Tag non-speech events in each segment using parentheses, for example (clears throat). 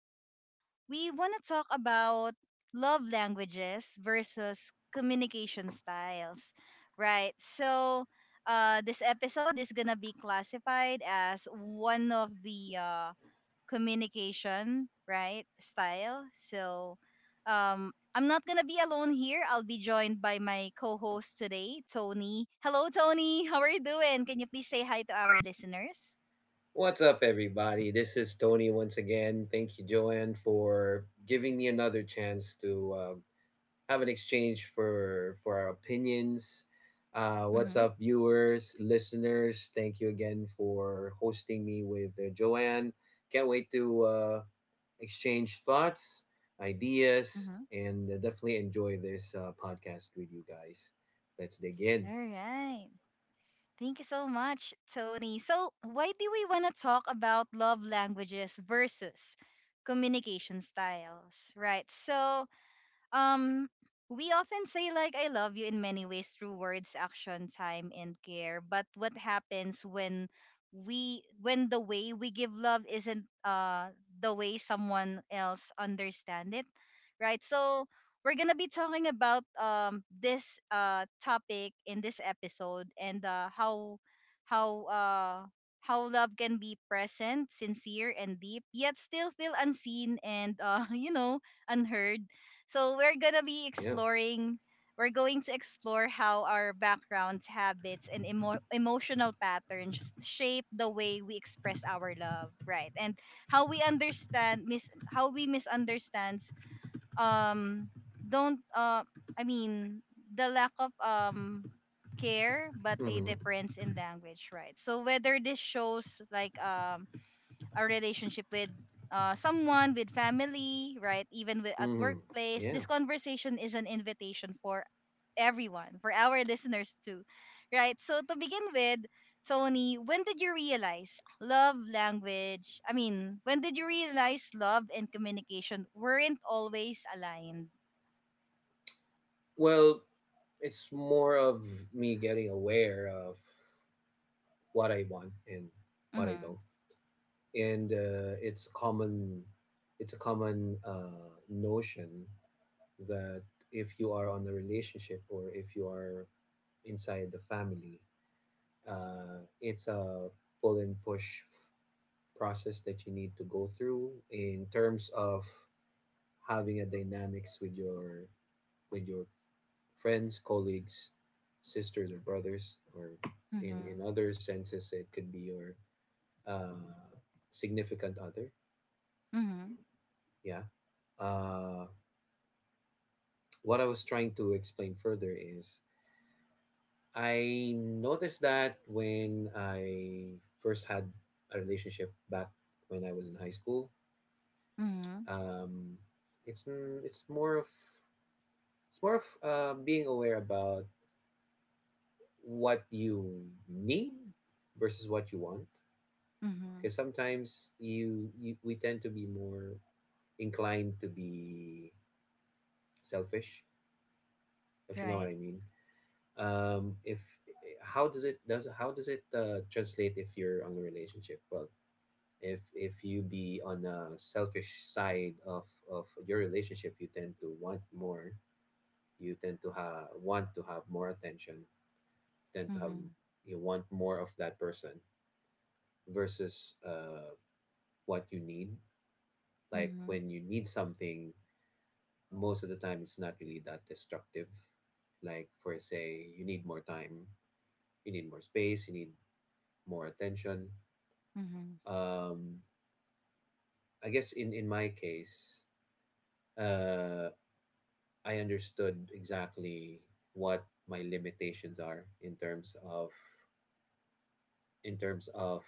right? We want to talk about love languages versus communication styles, right? So, this episode is gonna be classified as one of the communication, right, style. So, I'm not gonna be alone here. I'll be joined by my co-host today, Tony. Hello, Tony. How are you doing? Can you please say hi to our listeners? What's up, everybody? This is Tony once again. Thank you, Joanne, for giving me another chance to have an exchange for our opinions. Mm-hmm. What's up, viewers, listeners? Thank you again for hosting me with Joanne. Can't wait to exchange thoughts, ideas, Mm-hmm. and definitely enjoy this podcast with you guys. Let's dig in. All right. Thank you so much, Tony. So, why do we want to talk about love languages versus communication styles, right? So, um, we often say like I love you in many ways through words, action, time, and care. But what happens when we when the way we give love isn't the way someone else understand it, right? So we're gonna be talking about this topic in this episode, and how uh how love can be present, sincere, and deep, yet still feel unseen and (laughs) unheard. So we're gonna be Yeah. exploring. We're going to explore how our backgrounds, habits, and emotional patterns shape the way we express our love, right? And how we misunderstands, um don't, I mean, the lack of care but a Mm-hmm. difference in language, right? So whether this shows like a relationship with someone, with family, right? Even with, at Mm-hmm. workplace, Yeah. this conversation is an invitation for everyone, for our (laughs) listeners too, right? So to begin with, Tony, when did you realize love language? I mean, when did you realize love and communication weren't always aligned? Well, it's more of me getting aware of what I want and what I Mhm. don't, and it's common. It's a common notion that if you are on a relationship or if you are inside the family, it's a pull and push process that you need to go through in terms of having a dynamics with your friends, colleagues, sisters or brothers, or in Mhm. in other senses, it could be your uh, significant other. Mhm. Yeah. Uh, what I was trying to explain further is I noticed that when I first had a relationship back when I was in high school, Mhm. um, it's n- it's more of it's more of being aware about what you need versus what you want, Mhm. because sometimes you, you we tend to be more inclined to be selfish, if you know what Right. I mean. If how does it translate if you're on a relationship? Well, if you be on a selfish side of your relationship, you tend to want more. You tend to have want to have more attention, tend to have Mhm. you want more of that person versus what you need. Like, Mhm. when you need something, most of the time it's not really that destructive. Like for say, you need more time, you need more space, you need more attention. Mhm. Um, I guess in my case, uh, I understood exactly what my limitations are in terms of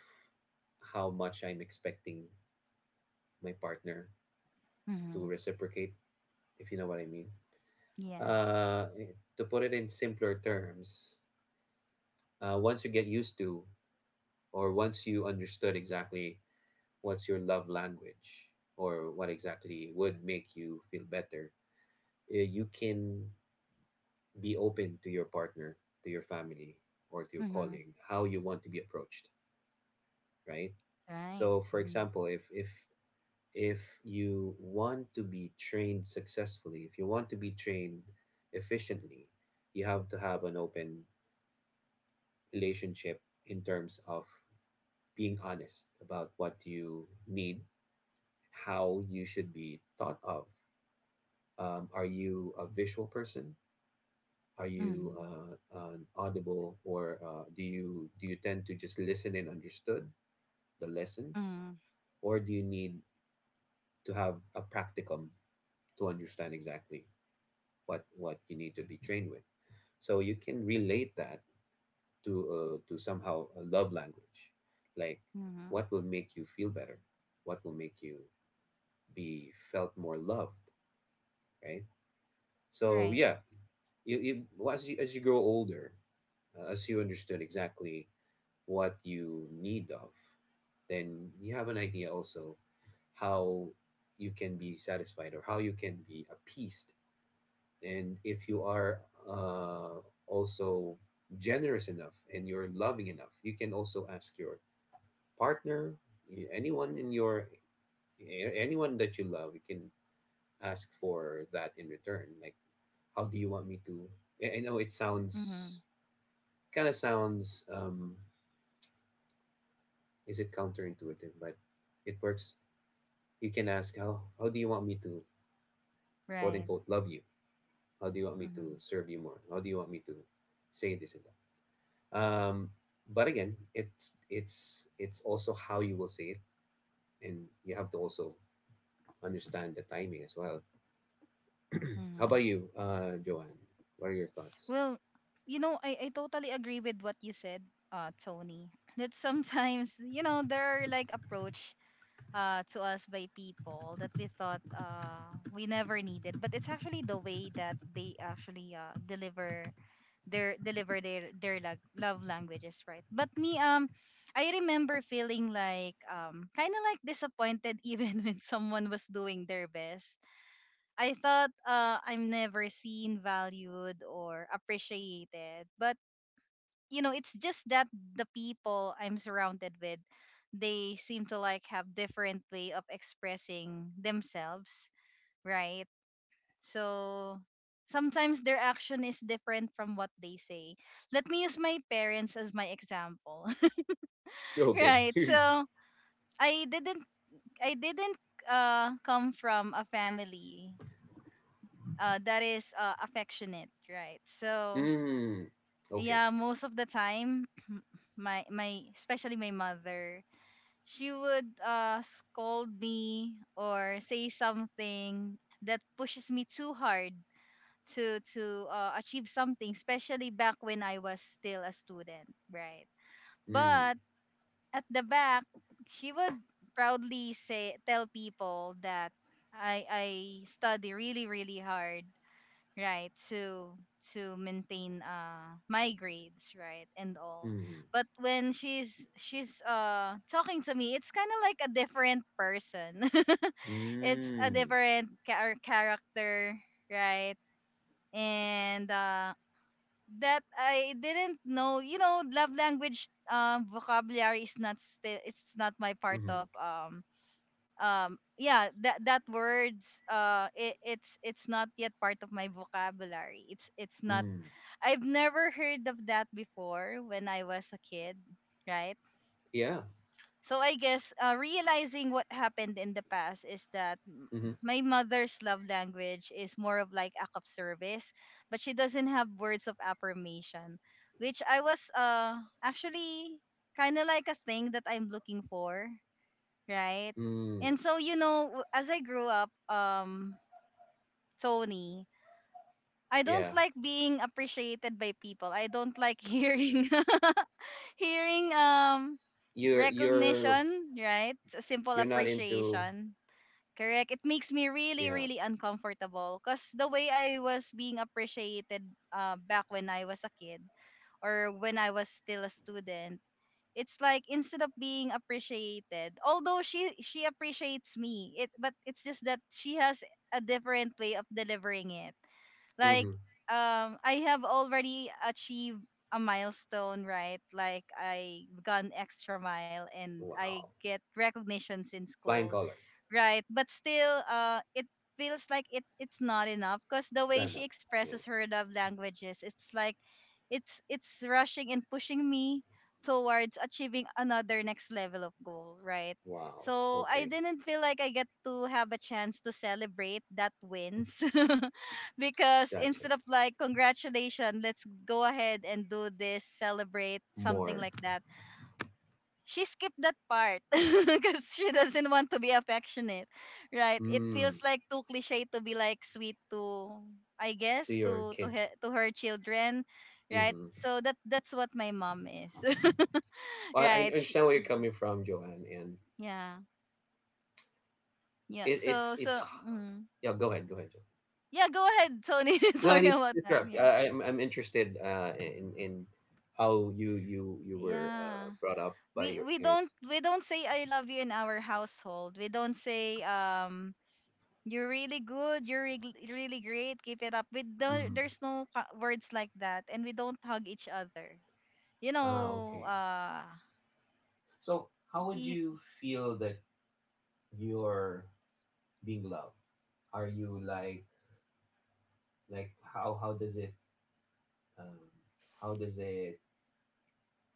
how much I'm expecting my partner to Mhm. reciprocate, if you know what I mean. Yes. Uh, to put it in simpler terms, once you get used to or once you understood exactly what's your love language or what exactly would make you feel better, you can be open to your partner, to your family, or to your Mhm. calling, how you want to be approached, right? Right. So, for Mm-hmm. example, if you want to be trained successfully, if you want to be trained efficiently, you have to have an open relationship in terms of being honest about what you need, how you should be thought of. Are you a visual person? Are you Mhm. An audible, or do you tend to just listen and understood the lessons, Mhm. or do you need to have a practicum to understand exactly what you need to be trained with? So you can relate that to somehow a love language, like Mhm. what will make you feel better, what will make you be felt more loved, right? So Right. yeah, you well, as you grow older, as you understand exactly what you need of, then you have an idea also how you can be satisfied or how you can be appeased. And if you are uh, also generous enough and you're loving enough, you can also ask your partner, anyone in your anyone that you love, you can ask for that in return. Like, how do you want me to? I know it sounds Mhm. kind of sounds, is it counterintuitive, but it works. You can ask, how do you want me to, quote Right. unquote, love you? How do you want me Mhm. to serve you more? How do you want me to say this and that? But again, it's also how you will say it, and you have to also understand the timing as well. How Mhm. about you, Joanne? What are your thoughts? Well, I totally agree with what you said, Tony. (laughs) That sometimes, there are like approach to us by people that we thought we never needed. But it's actually the way that they actually deliver their lo- love languages, right? But me, I remember feeling like, kind of like disappointed. (laughs) Even when someone was doing their best, I thought, I'm never seen, valued, or appreciated. But it's just that the people I'm surrounded with, they seem to like have different way of expressing themselves, right? So sometimes their action is different from what they say. Let me use my parents as my example. (laughs) Okay. Right. So (laughs) I didn't I didn't come from a family that is affectionate, right? So Mm. Okay. yeah, most of the time (clears throat) my especially my mother, she would scold me or say something that pushes me too hard to achieve something, especially back when I was still a student, right? Mm. But at the back, she would proudly say tell people that I study really really hard, right? To maintain my grades, right, and all. Mm. But when she's talking to me, it's kind of like a different person. (laughs) It's a Mm. different character, right? And that I didn't know. Love language vocabulary is not still it's not my part Mm. of yeah, that words, it's not yet part of my vocabulary. It's not. Mm. I've never heard of that before when I was a kid, right? Yeah. So I guess, realizing what happened in the past is that m- Mm-hmm. my mother's love language is more of like act of service, but she doesn't have words of affirmation, which I was actually kind of like a thing that I'm looking for, right? Mm, And so, as I grew up, Tony, I don't yeah. like being appreciated by people. I don't like hearing. (laughs) Hearing, You're you're recognition, right? A simple you're not into, appreciation. Correct. It makes me really, yeah. really uncomfortable because the way I was being appreciated, back when I was a kid or when I was still a student, it's like instead of being appreciated, although she appreciates me, it but it's just that she has a different way of delivering it, like Mm-hmm. I have already achieved a milestone, right? Like I gone extra mile and I Wow. get recognitions in Flying school, colors. right? But still, it feels like it's not enough because the way Sign she up. Yeah. expresses her love languages, it's like it's rushing and pushing me towards achieving another next level of goal, right? Wow. So I Okay. didn't feel like I get to have a chance to celebrate that wins (laughs) because Gotcha. instead of like congratulations, let's go ahead and do this, celebrate something More. like that, she skipped that part. (laughs) Because she doesn't want to be affectionate, right? It feels Mm, like too cliche to be like sweet to, I to guess, your to kid. her, to her children, right? Mm-hmm. So that's what my mom is. (laughs) Well, I Right? She, understand where you're coming from, Joanne, and yeah, yeah. So it's, so mm. yeah. Go ahead. Go ahead, Joanne. yeah, go ahead, Tony. (laughs) No, I Sorry need about to that. interrupt. Yeah, I'm interested in how you were yeah. brought up by We your we don't parents. we don't say I love you in our household. We don't say, you're really good. You're really great. Keep it up. With the, Mm-hmm. there's no words like that, and we don't hug each other. You Ah, know, okay. So, how would y- you feel that? Your being loved? Are you like how does it, um, how does it,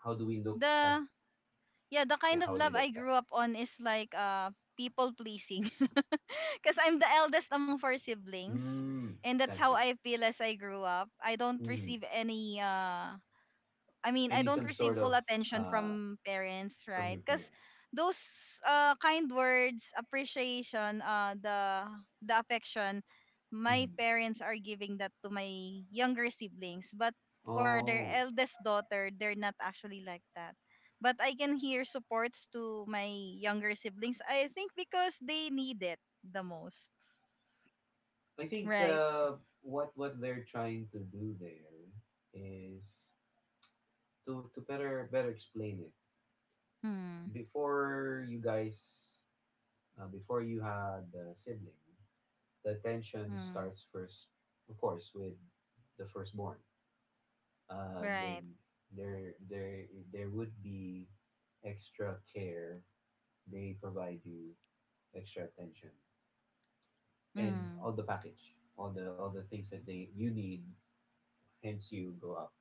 how do we look at, the yeah, the yeah, kind of how do we love look I at that? grew up on is like people pleasing, (laughs) because I'm the eldest among four siblings, Mm, and that's how gotcha. I feel as I grew up. I don't Mm-hmm. receive any, I mean, I Any don't some receive sort full of attention uh, from parents, from right? your Because parents? those, kind words, appreciation, the affection, my Mm. parents are giving that to my younger siblings. But for their Oh, eldest daughter, they're not actually like that. But I can hear supports to my younger siblings. I think because they need it the most, I think right? What they're trying to do there is to better explain it. Mm, Before you guys, before you had a sibling, the attention mm, starts first, of course, with the firstborn. And right. then there, there, there would be extra care. They provide you extra attention and Mm, all the package, all the things that they you need. Hence, you grow up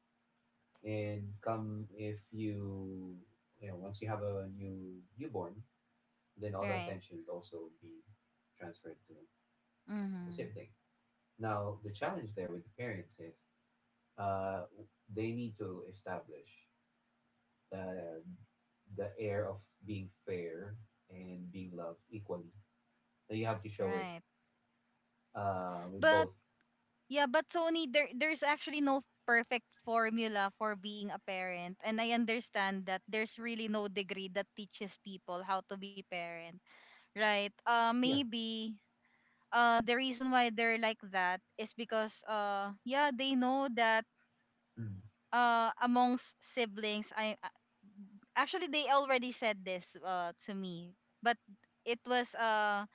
and come if you, you know, once you have a newborn, then all the right. attention would also be transferred to the Mm, sibling. Now, the challenge there with the parents is uh, they need to establish the the air of being fair and being loved equally. So you have to show it right. With But both. Yeah, but Sony, there's actually no perfect formula for being a parent. And I understand that there's really no degree that teaches people how to be parent, right? Uh Yeah. maybe the reason why they're like that is because, yeah, they know that, Mm. Amongst siblings, I actually they already said this, to me, but it was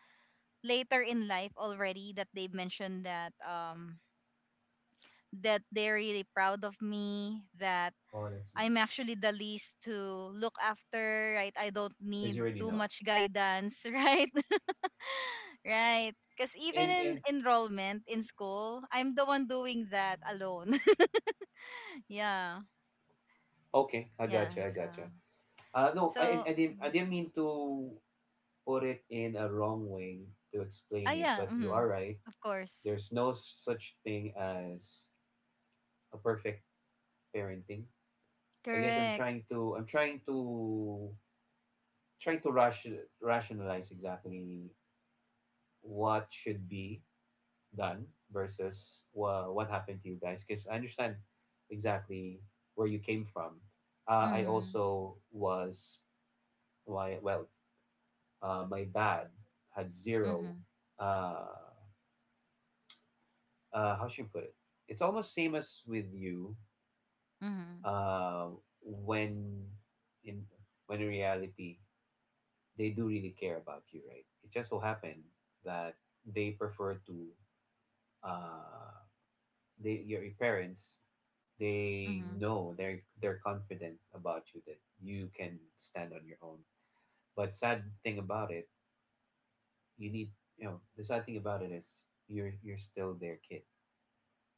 later in life already that they mentioned that they're really proud of me, that Oh, that's I'm nice. actually the least to look after, right? I don't Because need you already too know. much guidance. (laughs) Right? (laughs) Right. Because even And in and enrollment in school, I'm the one doing that alone. (laughs) Yeah. okay, I Yeah. gotcha. I So, gotcha. No, so, I didn't mean to put it in a wrong way to ah, explain it, yeah. but you Mhm. are right. Of course. There's no such thing as a perfect parenting. I guess Correct. I'm trying to rationalize exactly what should be done versus what happened to you guys, because I understand exactly where you came from. I Mm-hmm. also was. Why? Well, my dad had zero, Mm-hmm. uh, how should you put it? It's almost same as with you. Mm-hmm. uh, when in in reality, they do really care about you, right? It just so happened that they prefer to uh they your parents, they Mm-hmm. know they're confident about you that you can stand on your own. But sad thing about it, you need, the sad thing about it is, you're still their kid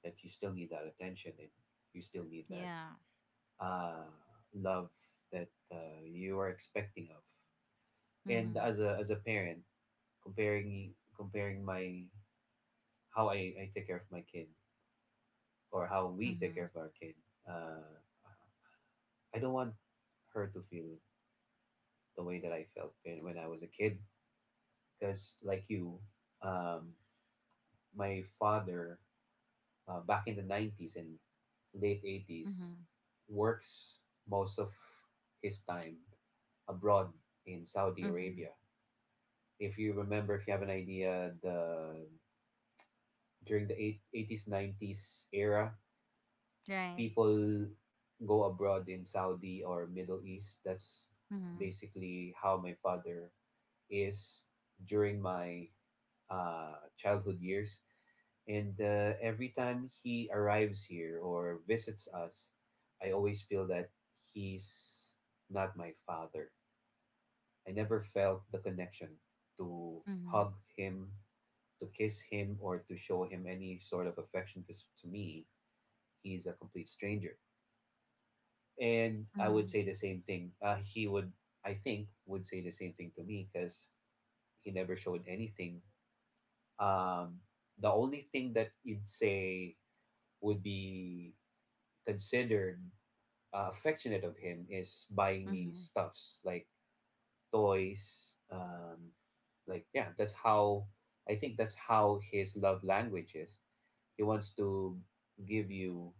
that you still need that attention, and you still need that Yeah. uh love that you are expecting of. And Mm-hmm. as a parent, comparing my how I take care of my kid, or how we take Mm-hmm. care of our kid, uh I don't want her to feel the way that I felt when I was a kid. Because, like you, um, my father, back in the 90s and late Mm-hmm. 80s, works most of his time abroad in Saudi Mm-hmm. Arabia. If you remember, if you have an idea, the during the eight 90s era, Right. people go abroad in Saudi or Middle East. That's Mm-hmm. basically how my father is during my childhood years. And every time he arrives here or visits us, I always feel that he's not my father. I never felt the connection to Mm-hmm. hug him, to kiss him, or to show him any sort of affection because to me, he's a complete stranger. And I would Mm-hmm. say the same thing. He would, I think, would say the same thing to me, because he never showed anything. um, the only thing that you'd say would be considered affectionate of him is buying me Mhm. stuffs like toys. Like, yeah, that's how, I think, that's how his love language is. He wants to give you,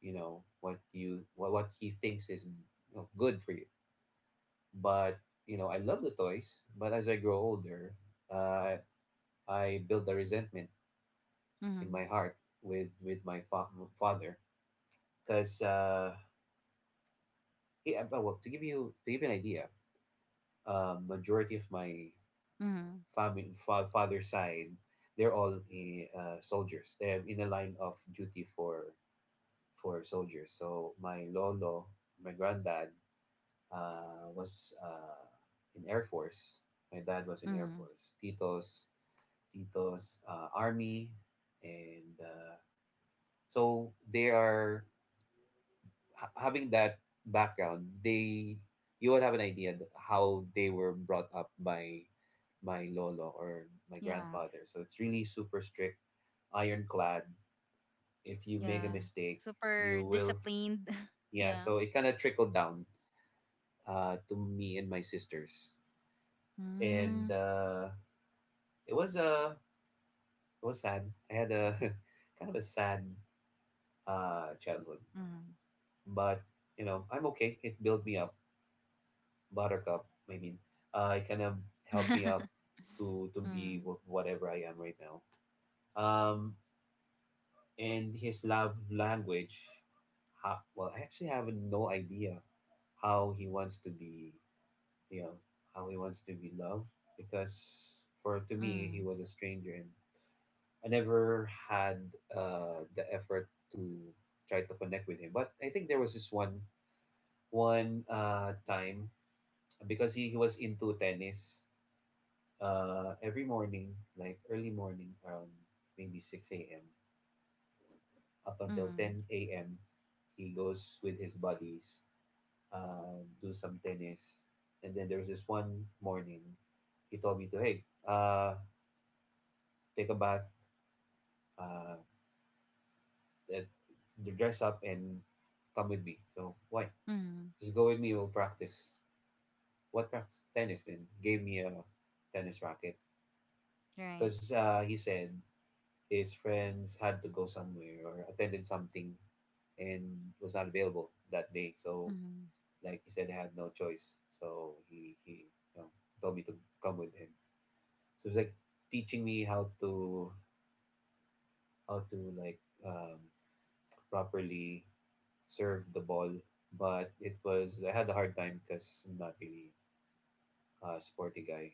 what he thinks is, good for you. But I love the toys, but as I grow older, uh, I build a resentment in my Mhm. heart with my father, because he, well, to give you an idea, majority of my Mhm. family, father side, they're all soldiers, they have in a line of duty for soldiers. So my lolo, my granddad, was in air force. My dad was in air Mhm. force, titos army. And so they are having that background, they, you would have an idea that how they were brought up by my lolo or my Yeah. grandfather. So it's really super strict, ironclad. If you make a Yeah. mistake, Super you will, disciplined. (laughs) yeah. Yeah. So it kind of trickled down to me and my sisters, Mm. and it was uh, it was sad. I had a (laughs) kind of a sad childhood, Mhm. but you know I'm okay. It built me up buttercup, it kind of helped me (laughs) up to be Mm. Whatever I am right now. um and his love language, how, well, I actually have no idea how he wants to be, you know how he wants to be loved, because for to me he Mm. was a stranger, and I never had the effort to try to connect with him. But I think there was this one time, because he was into tennis every morning, like early morning, around maybe 6 a.m., up until Mhm. 10 a.m., he goes with his buddies, do some tennis. And then there was this one morning, he told me to, hey, take a bath, uh, eh, dress up, and come with me. So, why? Mhm. Just go with me, we'll practice. What practice? Tennis. And gave me a tennis racket. (laughs) Right. Because he said his friends had to go somewhere or attended something and was not available that day. So, Mhm. like he said, I had no choice. So he you know, told me to come with him. So it's like teaching me how to, how to, like, um, properly serve the ball. But it was, I had a hard time because I'm not really a sporty guy.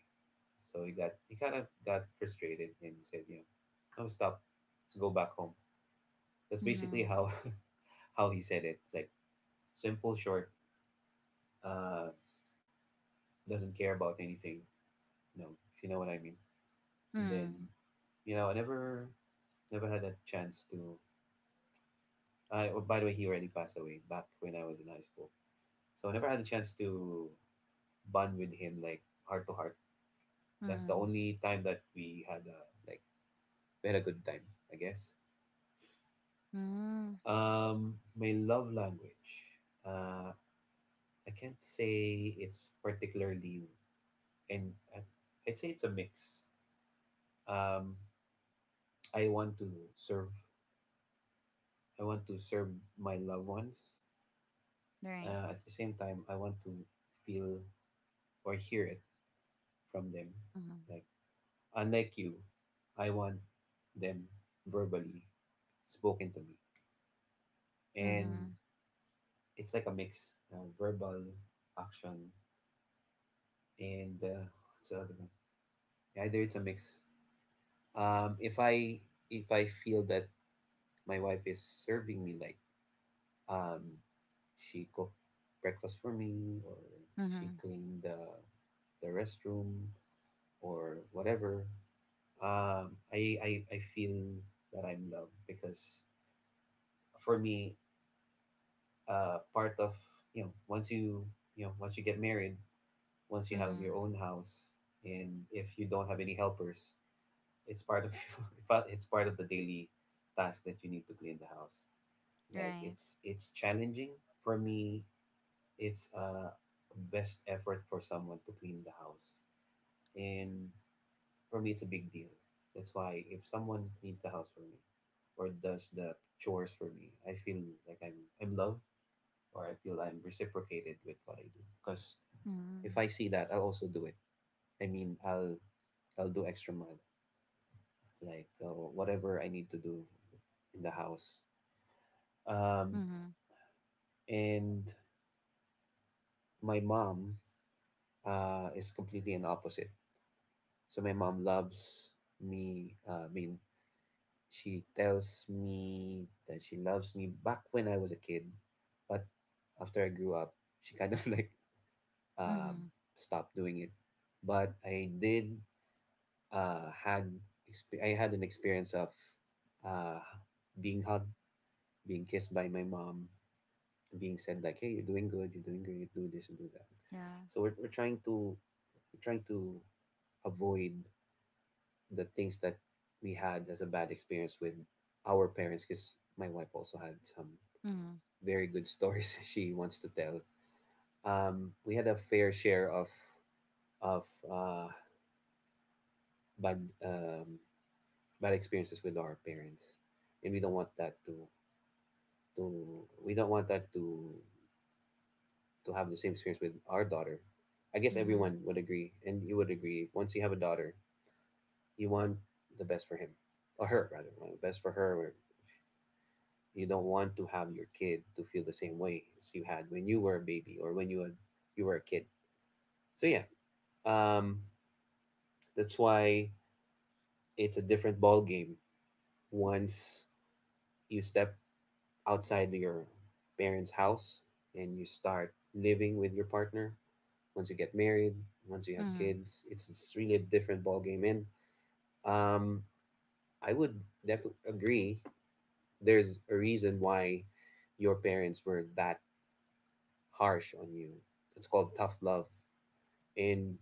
So he kind of got frustrated and said, you know, I stop. Let's go back home. That's basically Mhm. how (laughs) how he said it. It's like simple, short, uh, doesn't care about anything. No, if you know what I mean. And then, I never had a chance to. I, oh, by the way, he already passed away back when I was in high school. So I never had a chance to bond with him like heart to heart. That's the only time that we had a, like, we had a good time, I guess. Mhm. My love language. Uh, I can't say it's particularly— and I- I'd say it's a mix. Um, I want to serve. I want to serve my loved ones. At the same time, I want to feel or hear it from them. Like, unlike you, I want them verbally spoken to me, and it's like a mix: verbal, action, and what's the other one? Either, it's a mix. Um, if I if I feel that my wife is serving me, like, Um, she cooked breakfast for me, or she cleaned the restroom, or whatever. I feel that I'm loved, because for me, part of, once you, you know once you get married, once Mhm. you have Mhm. your own house, and if you don't have any helpers, it's part of— (laughs) it's part of the daily task that you need to clean the house. Like, Right. it's challenging for me. It's a best effort for someone to clean the house. And for me, it's a big deal. That's why if someone cleans the house for me or does the chores for me, I feel like I'm loved, or I feel I'm reciprocated with what I do. Because if Mhm. I see that, I'll also do it. I mean, I'll do extra mile, like, whatever I need to do in the house. Mhm. Mhm. Mhm. Right. Um, Mhm. Mhm. and my mom is completely an opposite. So my mom loves me. I mean, she tells me that she loves me back when I was a kid, but after I grew up, (laughs) she kind of (laughs) like, um, Mhm. stopped doing it. But I did had I had an experience of uh, being hugged, being kissed by my mom, being said like, "Hey, you're doing good. You're doing great. Do this and do that." Yeah. So we're trying to— we're trying to avoid the things that we had as a bad experience with our parents, because my wife also had some Mhm. very good stories (laughs) she wants to tell. We had a fair share of of uh, bad, bad experiences with our parents, and we don't want that to— we don't want that to— have the same experience with our daughter. I guess Mhm. everyone would agree, and you would agree once you have a daughter, you want the best for him, or her rather, well, best for her, or— you don't want to have your kid to feel the same way as you had when you were a baby, or when you were— you were a kid. So yeah, um, that's why it's a different ball game once you step outside your parents' house and you start living with your partner. Once you get married, once you have Mhm. kids, it's really a different ball game. And um, I would definitely agree. There's a reason why your parents were that harsh on you. It's called tough love. And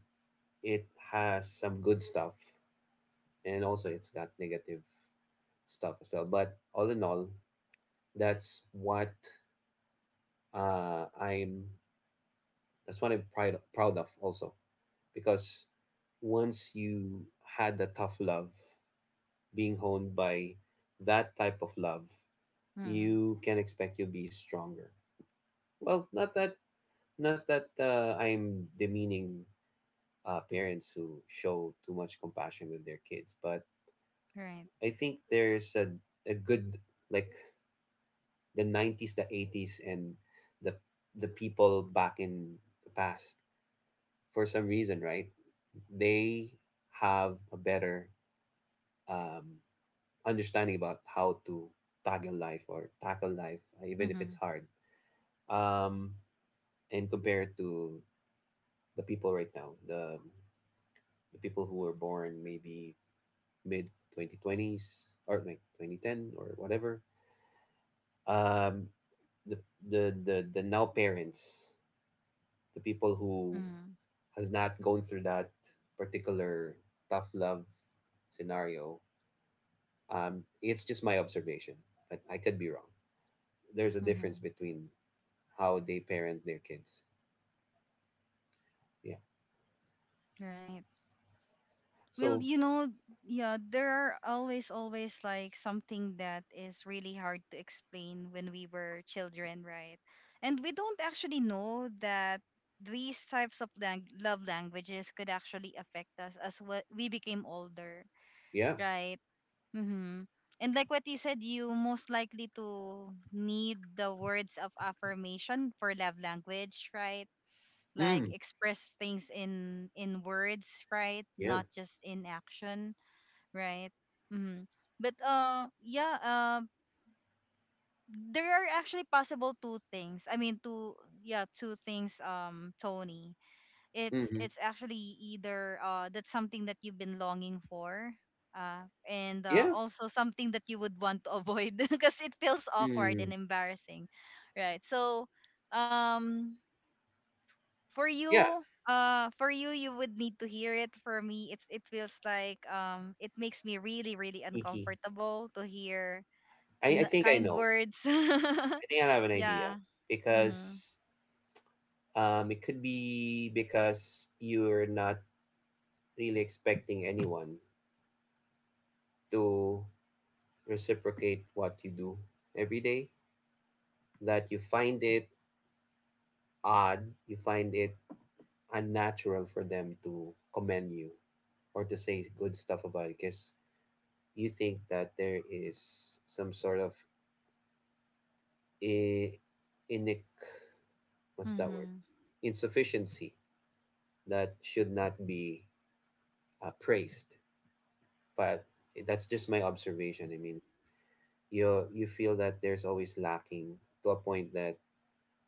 it has some good stuff, and also it's got negative stuff as well, but all in all, that's what I'm that's what I'm proud of also, because once you had the tough love, being honed by that type of love, Mhm. you can expect you'll be stronger. Well, not that I'm demeaning parents who show too much compassion with their kids, but Right. I think there's a good, like, the 90s, the 80s, and the the people back in the past, for some reason, right? They have a better, um, understanding about how to tackle life, or tackle life, even if it's Mhm. hard. Um, and compared to the people right now, the people who were born maybe mid 2020s, or like 2010, or whatever, um, the, the now parents, the people who Mhm. has not gone through that particular tough love scenario. It's just my observation, but I could be wrong. There's a difference Mhm. between how they parent their kids. Yeah. Right. Well, So yeah, there are always, always like something that is really hard to explain when we were children, right? And we don't actually know that these types of love languages could actually affect us as what we became older, yeah. right? Mm-hmm. And like what you said, you most likely to need the words of affirmation for love language, right? Like Mm, express things in words, right? yeah. Not just in action, right? Mm-hmm. But, yeah. There are actually possible two things. I mean, two, yeah, two things. Tony, it's Mm-hmm. it's actually either, that's something that you've been longing for. And Yeah. also something that you would want to avoid (laughs) because it feels awkward Mm, and embarrassing, right? So, um, for yeah. you for you, you would need to hear it. For me, it feels like, it makes me really, really Icky. uncomfortable to hear I think I kind know. words. I think I have an (laughs) idea, Yeah. Mhm. because it could be because you're not really expecting anyone to reciprocate what you do every day, that you find it odd, you find it unnatural for them to commend you or to say good stuff about it, because you think that there is some sort of i- inic— what's that word— Mhm. insufficiency that should not be praised. But that's just my observation. I mean, you feel that there's always lacking, to a point that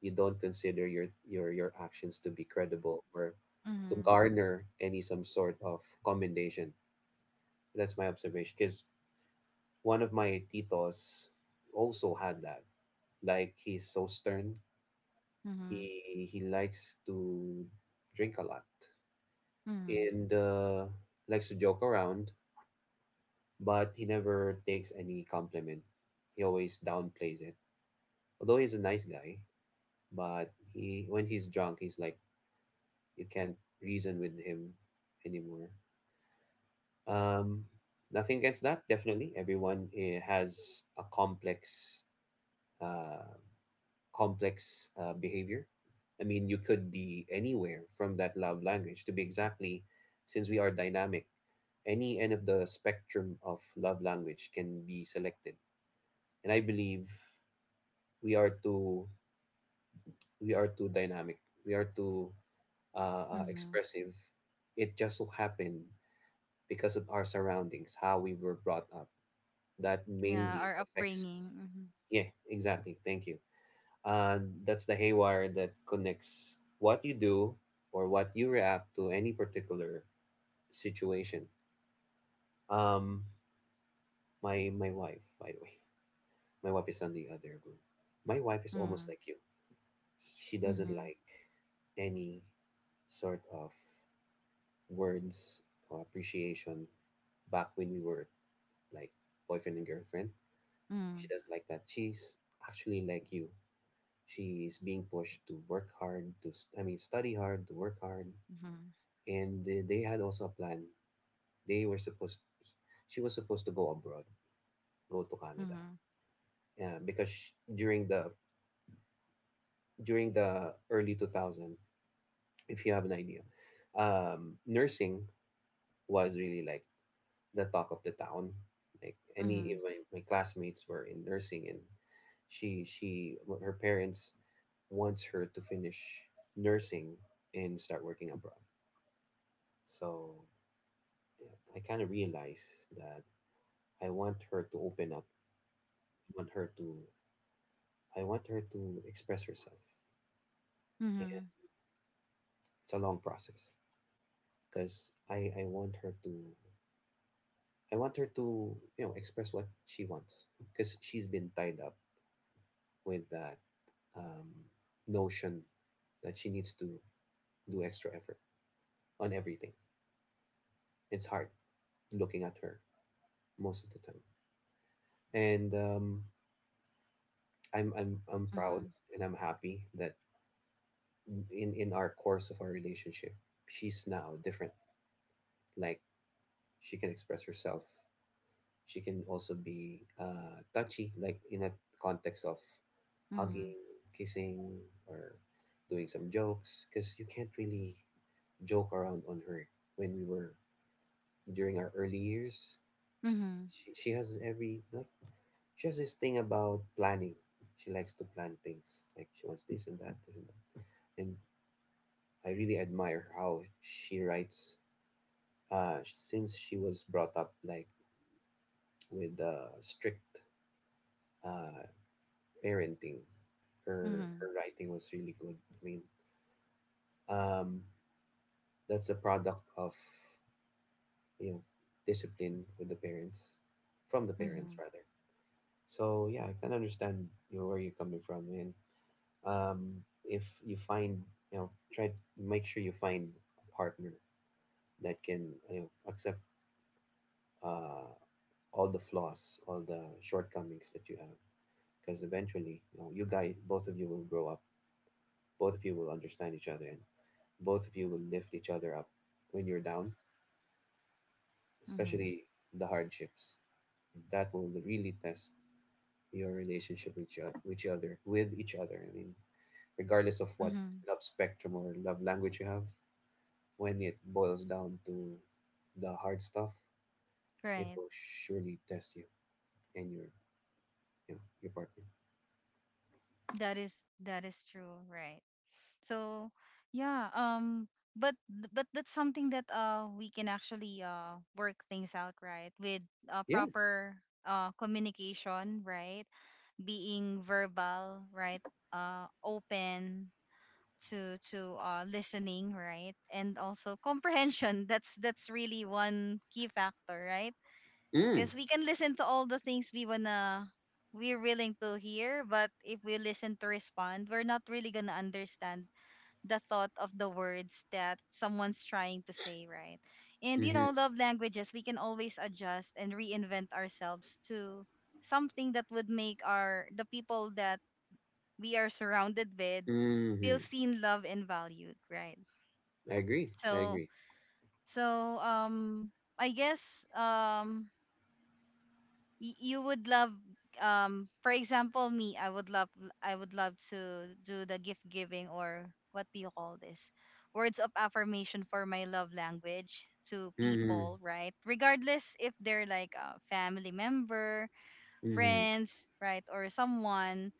you don't consider your actions to be credible, or to Mhm. garner any some sort of commendation. That's my observation. Because one of my titos also had that. Like, he's so stern. Mhm. He likes to drink a lot, Mhm. and likes to joke around, but he never takes any compliment. He always downplays it. Although he's a nice guy, but he when he's drunk, he's like, you can't reason with him anymore. Um, Nothing against that. Definitely, everyone has a complex, uh, behavior. I mean, you could be anywhere from that love language. To be exactly, since we are dynamic, any end of the spectrum of love language can be selected. And I believe we are too we are too dynamic. We are too Mhm. expressive. It just so happened because of our surroundings, how we were brought up. That Yeah, mainly our affects. upbringing. Mhm. Yeah, exactly. Thank you. Uh, that's the haywire that connects what you do or what you react to any particular situation. Um, my wife, by the way, (laughs) my wife is on the other room. My wife is almost Mhm. like you. She doesn't Mhm. like any sort of words or appreciation back when we were like boyfriend and girlfriend. She doesn't like that. She's actually like you. She's being pushed to work hard, to I mean, study hard, to work hard. Mhm. And they had also a plan. They were supposed— she was supposed to go abroad, go to Canada. Mhm. Yeah, because sh during the— early 2000, if you have an idea, nursing was really like the talk of the town. Like any, Mhm. even my classmates were in nursing, and she her parents wants her to finish nursing and start working abroad. So yeah, I kind of realize that I want her to open up. I want her to— I want her to express herself. And Mhm. it's a long process, because I want her to— express what she wants, because she's been tied up with that um, notion that she needs to do extra effort on everything. It's hard looking at her most of the time, and I'm proud Mhm. and I'm happy that in our course of our relationship, she's now different. Like, she can express herself. She can also be touchy, like in a context of Mhm. hugging, kissing, or doing some jokes, because you can't really joke around on her when we were— during our early years. Mhm. She has every— like, she has this thing about planning. She likes to plan things. Like, she wants this and that, this and that. And I really admire how she writes. Since she was brought up like with strict uh, parenting, her Mhm. writing was really good. Um, that's a product of you know discipline with the parents, from the parents Mhm. rather. So yeah, I can understand where you're coming from, and if you find try to make sure you find a partner that can accept uh, all the flaws, all the shortcomings that you have, because eventually you guys, both of you will grow up, both of you will understand each other, and both of you will lift each other up when you're down, Mhm. especially the hardships. That will really test your relationship with with each other. Regardless of what Mhm. love spectrum or love language you have, when it boils down to the hard stuff, it Right. will surely test you and your partner. That is that is true, right? So yeah, but that's something that we can actually work things out, right? With, Yeah. proper communication, right? Being verbal, right? Open to listening, right? And also comprehension. (laughs) That's really one key factor, right? Mm. Because we can listen to all the things we wanna we're willing to hear, but if we listen to respond, we're not really gonna understand the thought of the words that someone's trying to say, right? And you Mm-hmm. know, love languages, we can always adjust and reinvent ourselves to something that would make our the people that we are surrounded with feel Mm-hmm. seen, loved, and valued, right? I agree. I So, agree. so, I guess you would love for example me, I would love to do the gift giving, or what do you call this, words of affirmation, for my love language to Mm-hmm. people, right? Regardless if they're like a family member, Mm-hmm. friends, right, or someone.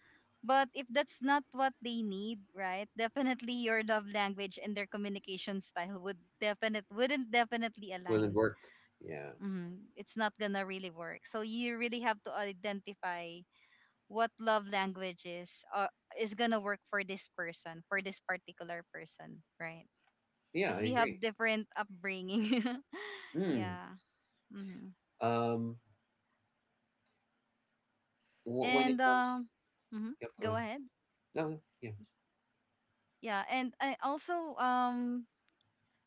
But if that's not what they need, right, (laughs) definitely your love language and their communication style would definite wouldn't definitely Will it align. work? Yeah. Mhm. It's not gonna really work. So you really have to identify what love languages is gonna work for this person, for this particular person, right? Yeah, Because I we have agree. different upbringing. (laughs) Mm. Yeah. hmm Um. When And, it comes, mhm, yep. Go go ahead. ahead. No. Yeah. Yeah, and I also um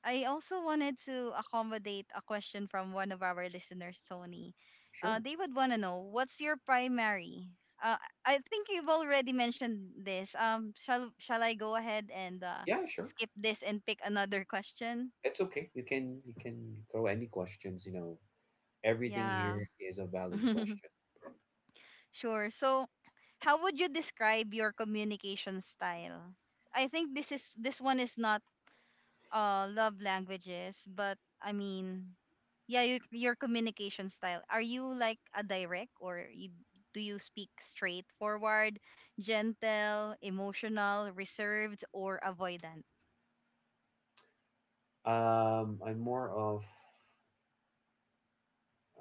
I also wanted to accommodate a question from one of our listeners, Tony. Sure. They would want to know what's your primary. Uh, I think you've already mentioned this. Shall I go ahead and Yeah. Sure. skip this and pick another question? It's okay. You can throw any questions. You know, everything Yeah, here is a valid (laughs) question. sure. So, how would you describe your communication style? I think this one is not love languages, but I mean, yeah, your communication style. Are you like a direct, or you, do you speak straightforward, gentle, emotional, reserved, or avoidant? I'm more of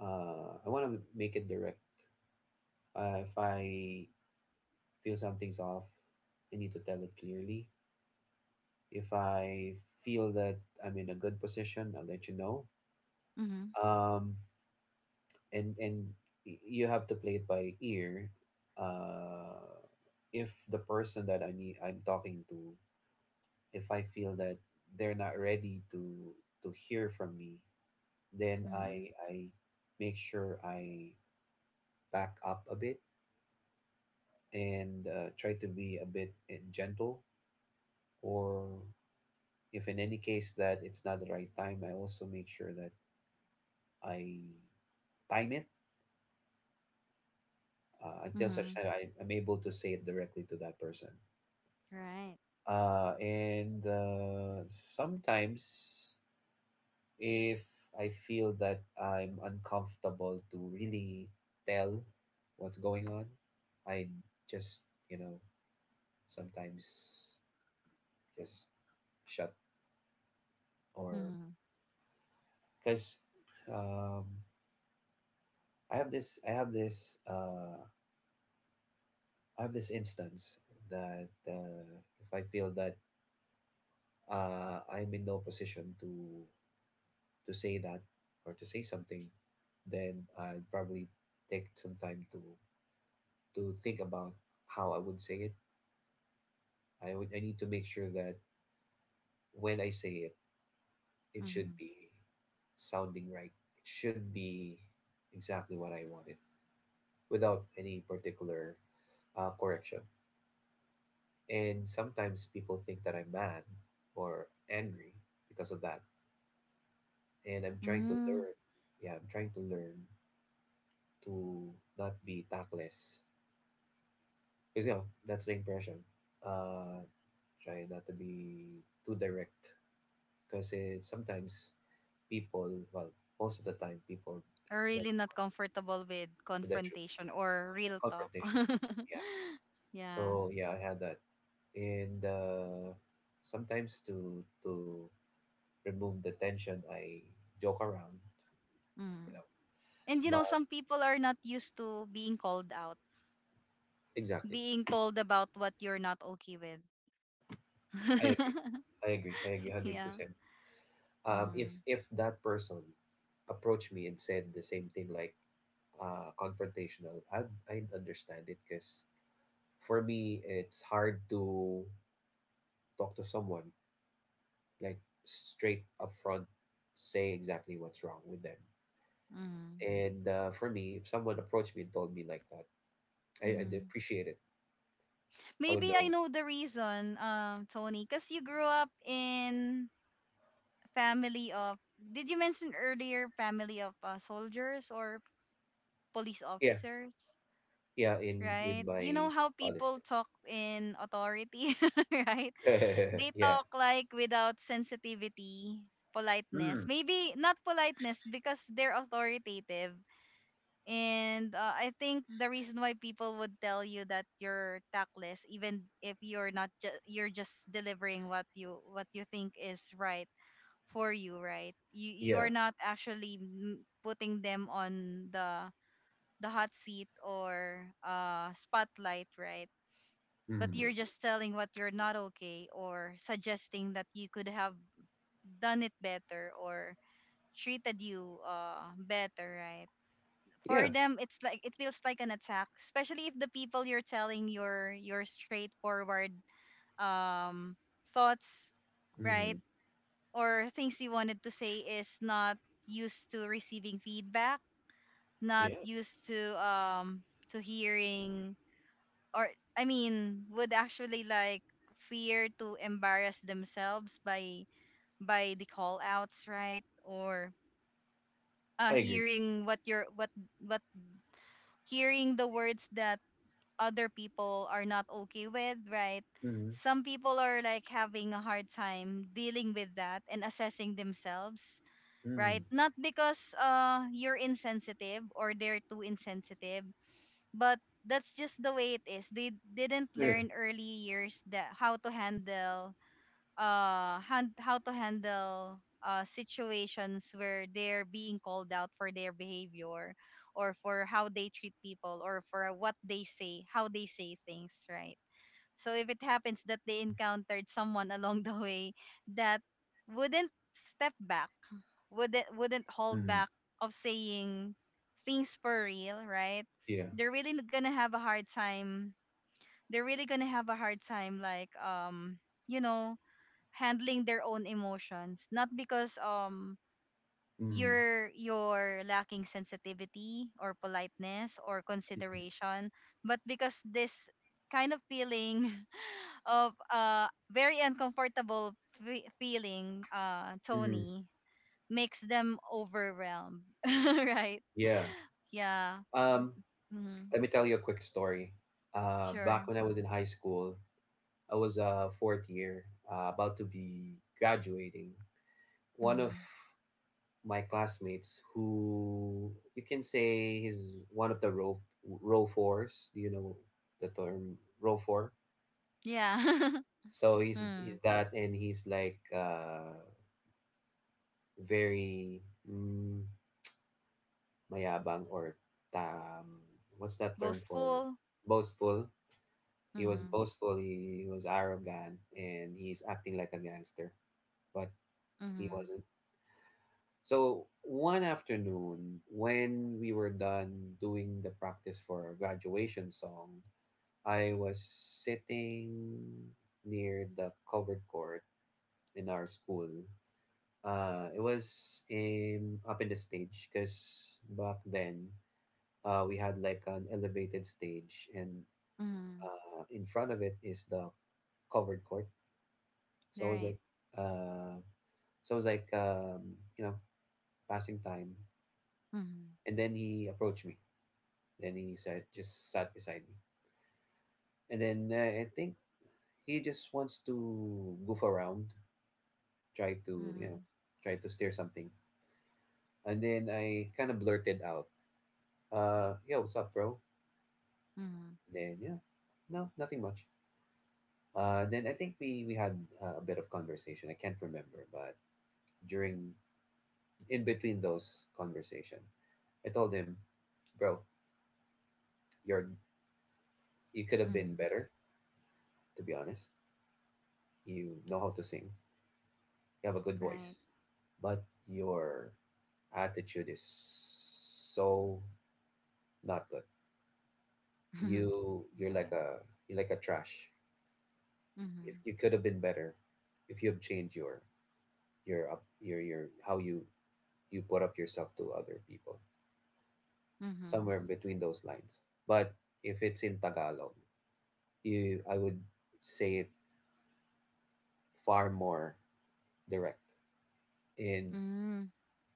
I want to make it direct. If I feel something's off, I need to tell it clearly. If I feel that I'm in a good position, I'll let you know. Mm-hmm. Um, and and you have to play it by ear. Uh, if the person that I need I'm talking to, if I feel that they're not ready to hear from me, then Mm-hmm. I make sure I back up a bit and try to be a bit gentle, or if in any case that it's not the right time, I also make sure that I time it, until such Mm-hmm. time I'm able to say it directly to that person. Right. And Sometimes if I feel that I'm uncomfortable to really tell what's going on, I just, you know, sometimes just shut, or Mm-hmm. because um, I have this instance that, if I feel that I'm in no position to say that or to say something, then I'd probably take some time to think about how I would say it. I need to make sure that when I say it, it should Hmm. be sounding right. It should be exactly what I wanted without any particular correction. And sometimes people think that I'm mad or angry because of that. And I'm trying to Mm, learn. Yeah, I'm trying to learn to not be tactless. Because, you know, that's the impression. Uh, try not to be too direct. Because sometimes people, well, most of the time, are the, really not comfortable with the truth, confrontation or real talk. confrontation. Yeah. (laughs) Yeah. So, yeah, I had that. And sometimes to, to, remove the tension. I joke around, you Mm. know. And But some people are not used to being called out, exactly, being told about what you're not okay with. I agree. (laughs) I agree. I agree. Hundred Yeah. percent. If Mm, if that person approached me and said the same thing, like confrontational, I'd understand it because for me it's hard to talk to someone like straight up front, say exactly what's wrong with them. mm, And for me, if someone approached me and told me like that, I'd mm. appreciate it. I would Maybe I know. know the reason, Tony, because you grew up in family of. Did you mention earlier family of soldiers or police Yeah, officers? Yeah, in with Right? You know my how father's people talk in authority, (laughs) right? side. They (laughs) yeah, talk like without sensitivity, Mm. politeness. Maybe not politeness, because they're authoritative. And I think the reason why people would tell you that you're tactless, even if you're not, you're just delivering what you think is right for you, right? You yeah, are not actually putting them on the hot seat or spotlight, right? But mm, you're just telling what you're not okay, or suggesting that you could have done it better, or treated you better, right? yeah, For them, it's like it feels like an attack, especially if the people you're telling your straightforward um thoughts, right, mm, or things you wanted to say is not used to receiving feedback, not yeah. used to, to hearing, or I mean would actually like fear to embarrass themselves by the call outs, right, or I agree. hearing what your what hearing the words that other people are not okay with, right? Mm, Some people are like having a hard time dealing with that and assessing themselves, right? mm, Not because you're insensitive or they're too insensitive, but that's just the way it is. They didn't yeah, learn early years that how to handle situations where they're being called out for their behavior, or for how they treat people, or for what they say, how they say things, right? So if it happens that they encountered someone (laughs) along the way, that wouldn't step back, wouldn't hold mm, back of saying things for real, right? yeah, they're really gonna have a hard time they're really gonna have a hard time, like, you know handling their own emotions, not because mm, you're lacking sensitivity or politeness or mm, consideration, but because this kind of feeling (laughs) of very uncomfortable, feeling, mm, Tony, makes them overwhelmed, (laughs) right? yeah. Yeah. Um, Mm-hmm. Let me tell you a quick story. Back Sure. when I was in high school, I was a fourth year, about to be graduating. One of Mm. my classmates who you can say he's one of the row fours. Do you know the term row four? Yeah. (laughs) So he's Mm. he's that, and he's like very mm, mayabang or um, what's that term for Boastful. boastful. He was Mm-hmm. boastful. He was arrogant, and he's acting like a gangster, but he Mm-hmm. wasn't. So one afternoon, when we were done doing the practice for our graduation song, I was sitting near the covered court in our school. Up in the stage, because back then we had like an elevated stage, and Mm-hmm. In front of it is the covered court. So I was Right. like, uh, so I was like, you know, passing time, Mm-hmm. and then he approached me. Just sat beside me. And then I think he just wants to goof around, try to, you know, Mhm. try to steer something. And then I kind of blurted out, yo, what's up, bro? Mhm. Then, yeah, no, nothing much. Then I think we had a bit of conversation. I can't remember, but during, in between those conversation, I told him, bro, you're, you could have been Mhm. better, to be honest. You know how to sing, you have a good voice, Right. but your attitude is so not good. (laughs) Mhm. You you're like Right. a you're like a trash. If Mhm. you could have been better, if you have changed your up your how you you put up yourself to other people, Mhm. somewhere between those lines. But if it's in Tagalog, you I would say it far more direct. And Mm.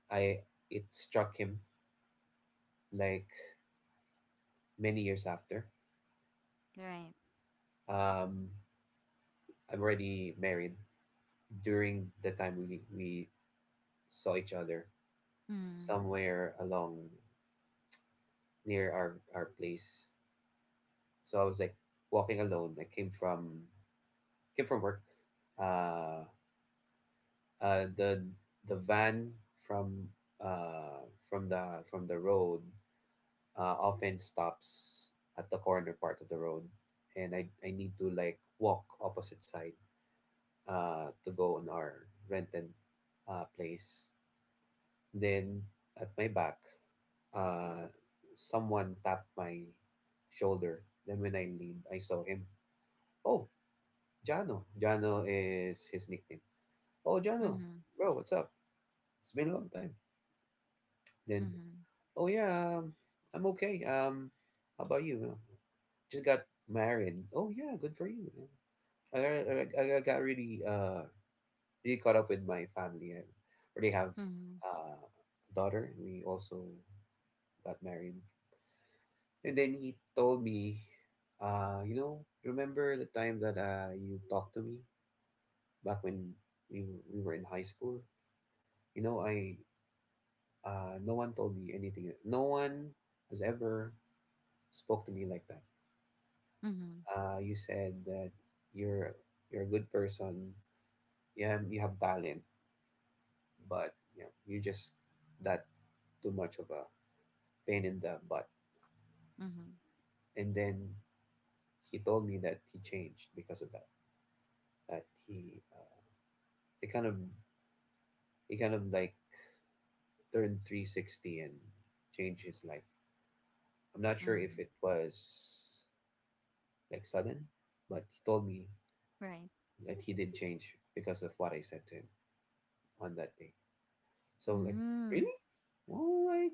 I it struck him like many years after. Right. Um, I'm already married during the time we saw each other Mhm. somewhere along near our place. So I was like walking alone. I came from work. Uh, uh, the the van from from the road often stops at the corner part of the road, and I need to like walk opposite side to go on our rented place. Then at my back, uh, someone tapped my shoulder. Then when I leaned, I saw him. Oh, Jano. Jano is his nickname. Oh, Jano, Mhm. bro, what's up? It's been a long time. Then, Mhm. oh yeah, I'm okay. How about you? Just got married. Oh yeah, good for you. I got really caught up with my family. I already have Mhm. A daughter. We also got married. And then he told me, you know, remember the time that you talked to me back when we were in high school? You know, I No one told me anything. No one has ever spoke to me like that. Mhm. You said that you're you're a good person. You have talent, but you know, you just that too much of a pain in the butt. Mhm. And then he told me that he changed because of that. That he it kind of he kind of like turned 360 and changed his life. I'm not sure if Mhm. it was like sudden, but he told me Right. that he did change because of what I said to him on that day. So like, Mm. really? Well, I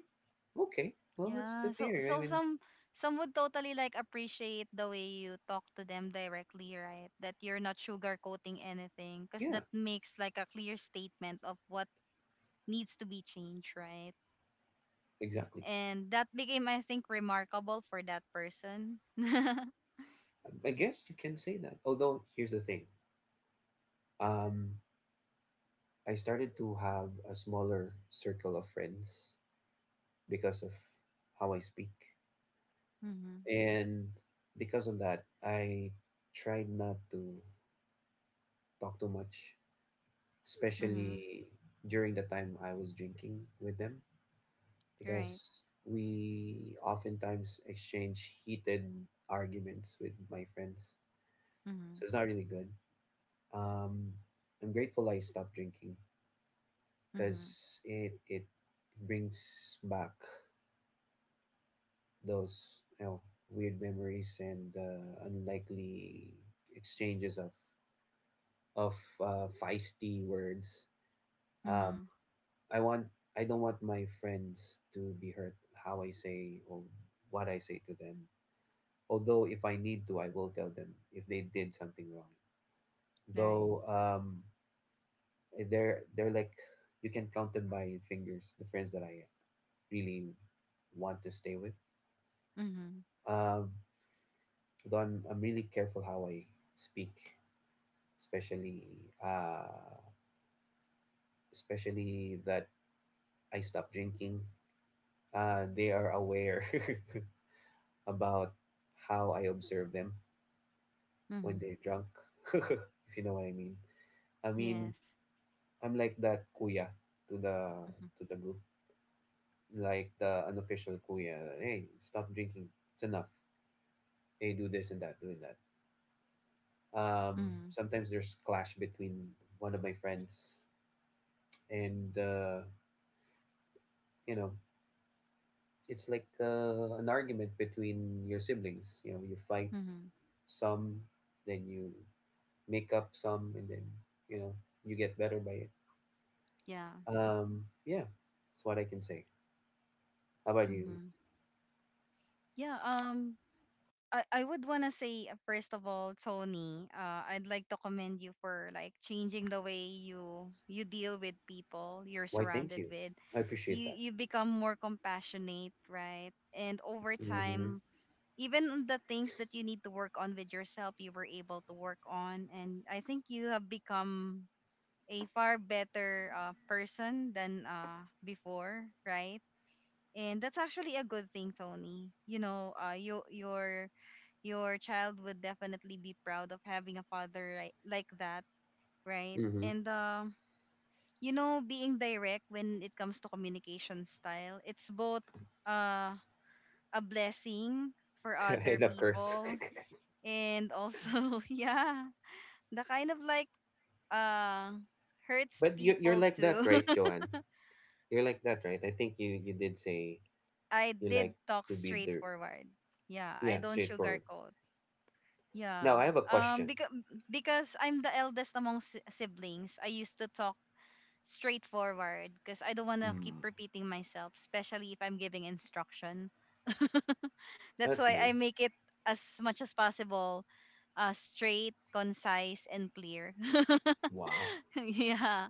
Okay. Well, that's Yeah. good to So hear. I so mean, some would totally like appreciate the way you talk to them directly, right? That you're not sugarcoating anything, because yeah, that makes like a clear statement of what needs to be changed, right? exactly. And that became, I think, remarkable for that person. (laughs) I guess you can say that. Although here's the thing, um, I started to have a smaller circle of friends because of how I speak. Mm-hmm. And because of that, I tried not to talk too much, Mm-hmm. especially during the time I was drinking with them, Right. because we oftentimes exchange heated arguments with my friends. Mm-hmm. So it's not really good. Um, I'm grateful I stopped drinking Mm-hmm. because it brings back those, you know, weird memories and unlikely exchanges of feisty words. Um, Mm-hmm. I want I don't want my friends to be hurt how I say or what I say to them. Although if I need to, I will tell them if they did something wrong. Right. Though they're like you can count them by fingers. The friends that I really want to stay with. Mm-hmm. Um, though I'm really careful how I speak, especially uh, especially that I stopped drinking, they are aware (laughs) about how I observe them when Mm-hmm. they're drunk, (laughs) if you know what I mean. I mean, Yes. I'm like that kuya to the Mm-hmm. Group, like the unofficial kuya. Hey, stop drinking. It's enough. Hey, do this and that, doing that. Mm-hmm. Sometimes there's clash between one of my friends and you know, it's like an argument between your siblings. You know, you fight Mm-hmm. some, then you make up some, and then you know you get better by it. Yeah. Yeah, that's what I can say. How about you? Mm-hmm. Yeah. I would want to say, first of all Tony, I'd like to commend you for like changing the way you deal with people you're Why, thank surrounded you. with. I appreciate you that. you become more compassionate, right? And over Mm-hmm. time, even the things that you need to work on with yourself, you were able to work on. And I think you have become a far better person than before, right? And that's actually a good thing, Tony. You know, your child would definitely be proud of having a father like that, right? Mm-hmm. And being direct when it comes to communication style, it's both, uh, a blessing for (laughs) other And of course. (laughs) people, and also, (laughs) yeah, the kind of like uh hurts you're people like that, too. right, (laughs) Joanne? You're like that, right? I think you, you did say I you did like talk to be the, straightforward. Yeah, I yeah, don't straightforward. sugarcoat. Now Yeah. I have a um question. because because I'm the eldest among siblings, I used to talk straightforward, because I don't want to keep Hmm. repeating myself, especially if I'm giving instruction. That's That's why I nice. make it, as much as possible, straight, concise and clear. (laughs) Wow. (laughs) Yeah.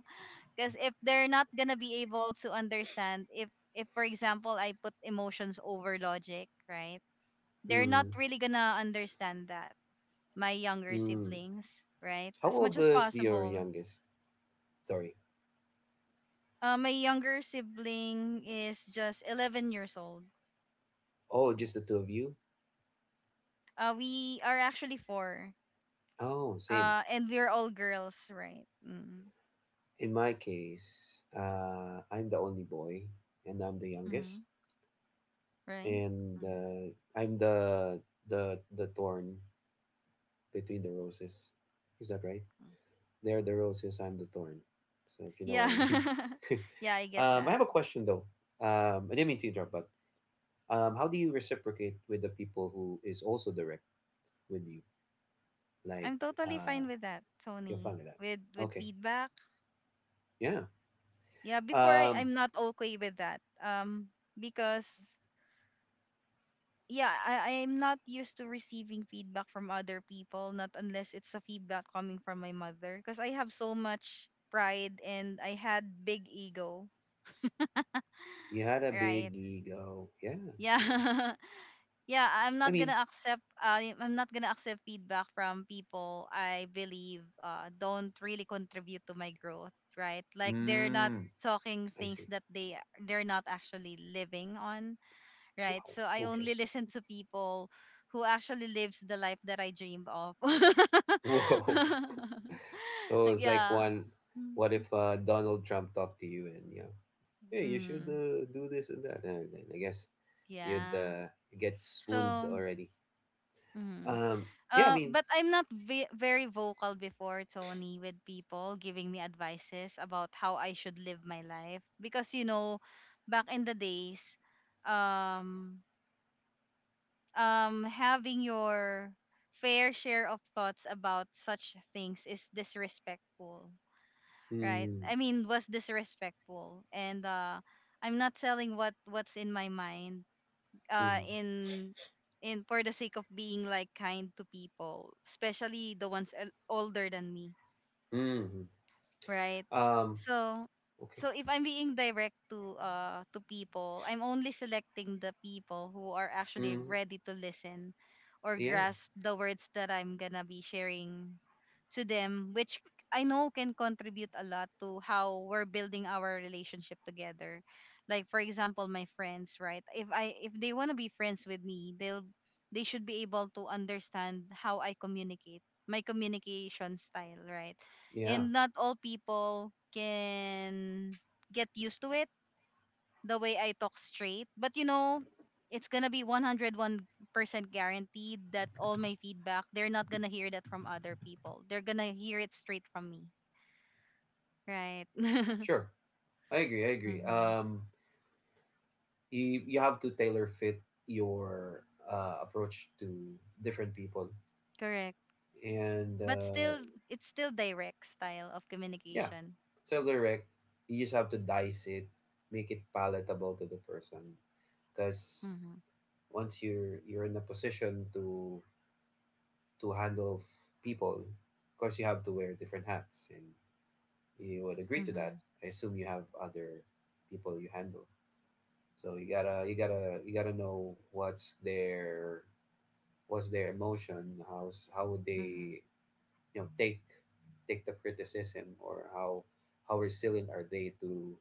Because if they're not gonna be able to understand, if for example I put emotions over logic, right? They're not Mm. really gonna understand that. My younger Mm. siblings, right? How As much old as is your possible. youngest? Sorry. My younger sibling is just 11 years old. Oh, just the two of you? We are actually four. Oh, same. And we're all girls, right? Mm-hmm. In my case, I'm the only boy, and I'm the Mm-hmm. youngest, Right? and Mm-hmm. I'm the thorn between the roses. Is that right? They're the roses. I'm the thorn. So if you know Yeah. what I mean. (laughs) (laughs) Yeah, I get I that. have a question though. I didn't mean to interrupt, but how do you reciprocate with the people who is also direct with you, like I'm totally uh, fine with that, your Tony. family? Like- With Okay, feedback, yeah. yeah, before I, Um, i'm not okay with that, because, yeah, I'm not used to receiving feedback from other people, not unless it's a feedback coming from my mother, because I have so much pride and I had big ego, you had a big right? ego. Yeah, Yeah. yeah. (laughs) Yeah, I'm I not mean, gonna accept, feedback from people I believe, don't really contribute to my growth, right? Like, they're not mm, talking I things see. that they're not actually living on, right? Wow. So I Okay. only listen to people who actually lives the life that I dreamed of. (laughs) (laughs) Whoa. So it's like Yeah. one, what if Donald Trump talked to you and yeah, hey, you should Mm, do this and that, and then I guess you'd yeah. Get swooned So, already. mm. Um. Yeah. I mean. But I'm not very vocal before, Tony, with people giving me advices about how I should live my life, because back in the days, um, having your fair share of thoughts about such things is disrespectful, right? Mm, I mean, was disrespectful. And I'm not telling what's in my mind, mm, in, for the sake of being like kind to people, especially the ones older than me, mm, right? um. So Okay. so if I'm being direct to people, I'm only selecting the people who are actually Mm, ready to listen or yeah. grasp the words that I'm gonna be sharing to them, which I know can contribute a lot to how we're building our relationship together. Like for example, my friends, right? If they wanna be friends with me, they should be able to understand how I communicate, my communication style, right? Yeah. And not all people can get used to it, the way I talk straight. But it's gonna be 101% guaranteed that all my feedback, they're not gonna hear that from other people. They're gonna hear it straight from me. Right. (laughs) Sure. I agree. I agree. Mm-hmm. You have to tailor fit your approach to different people Correct. and But still, it's still direct style of yeah, communication. it's so direct, you just have to dice it, make it palatable to the person, because Mm-hmm. once you're in a position to handle people, of course you have to wear different hats, and you would agree to Mm-hmm. that. I assume you have other people you handle, so you gotta know what's their, what's their emotion, how's, how would Mm-hmm. they, you know, take, take the criticism, or how resilient are they to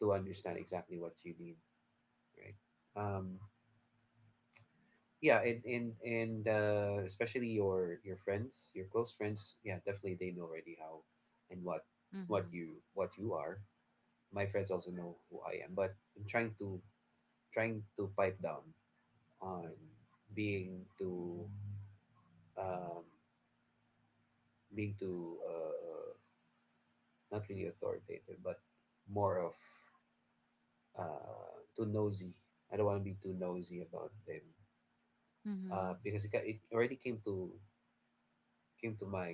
understand exactly what you need, right? um yeah, and especially your friends, your close friends, yeah, definitely they know already how and what Mm-hmm. you, what you are. My friends also know who I am, but I'm trying to, trying to pipe down on being too, um, being too, not really authoritative, but more of too nosy. I don't want to be too nosy about them, Mm-hmm. Because it, it already came to, came to my,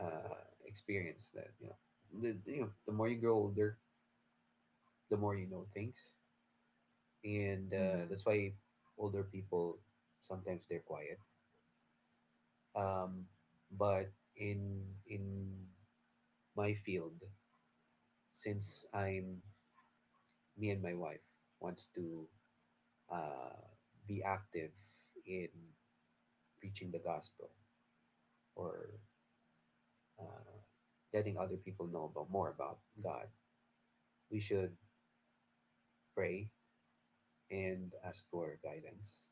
uh, experience that, you know, the, you know, the more you grow older, the more you know things, and Mm-hmm. that's why older people sometimes they're quiet. Um, but in my field, since I'm, me and my wife wants to, uh, be active in preaching the gospel, or uh, letting other people know about, more about God, we should pray and ask for guidance.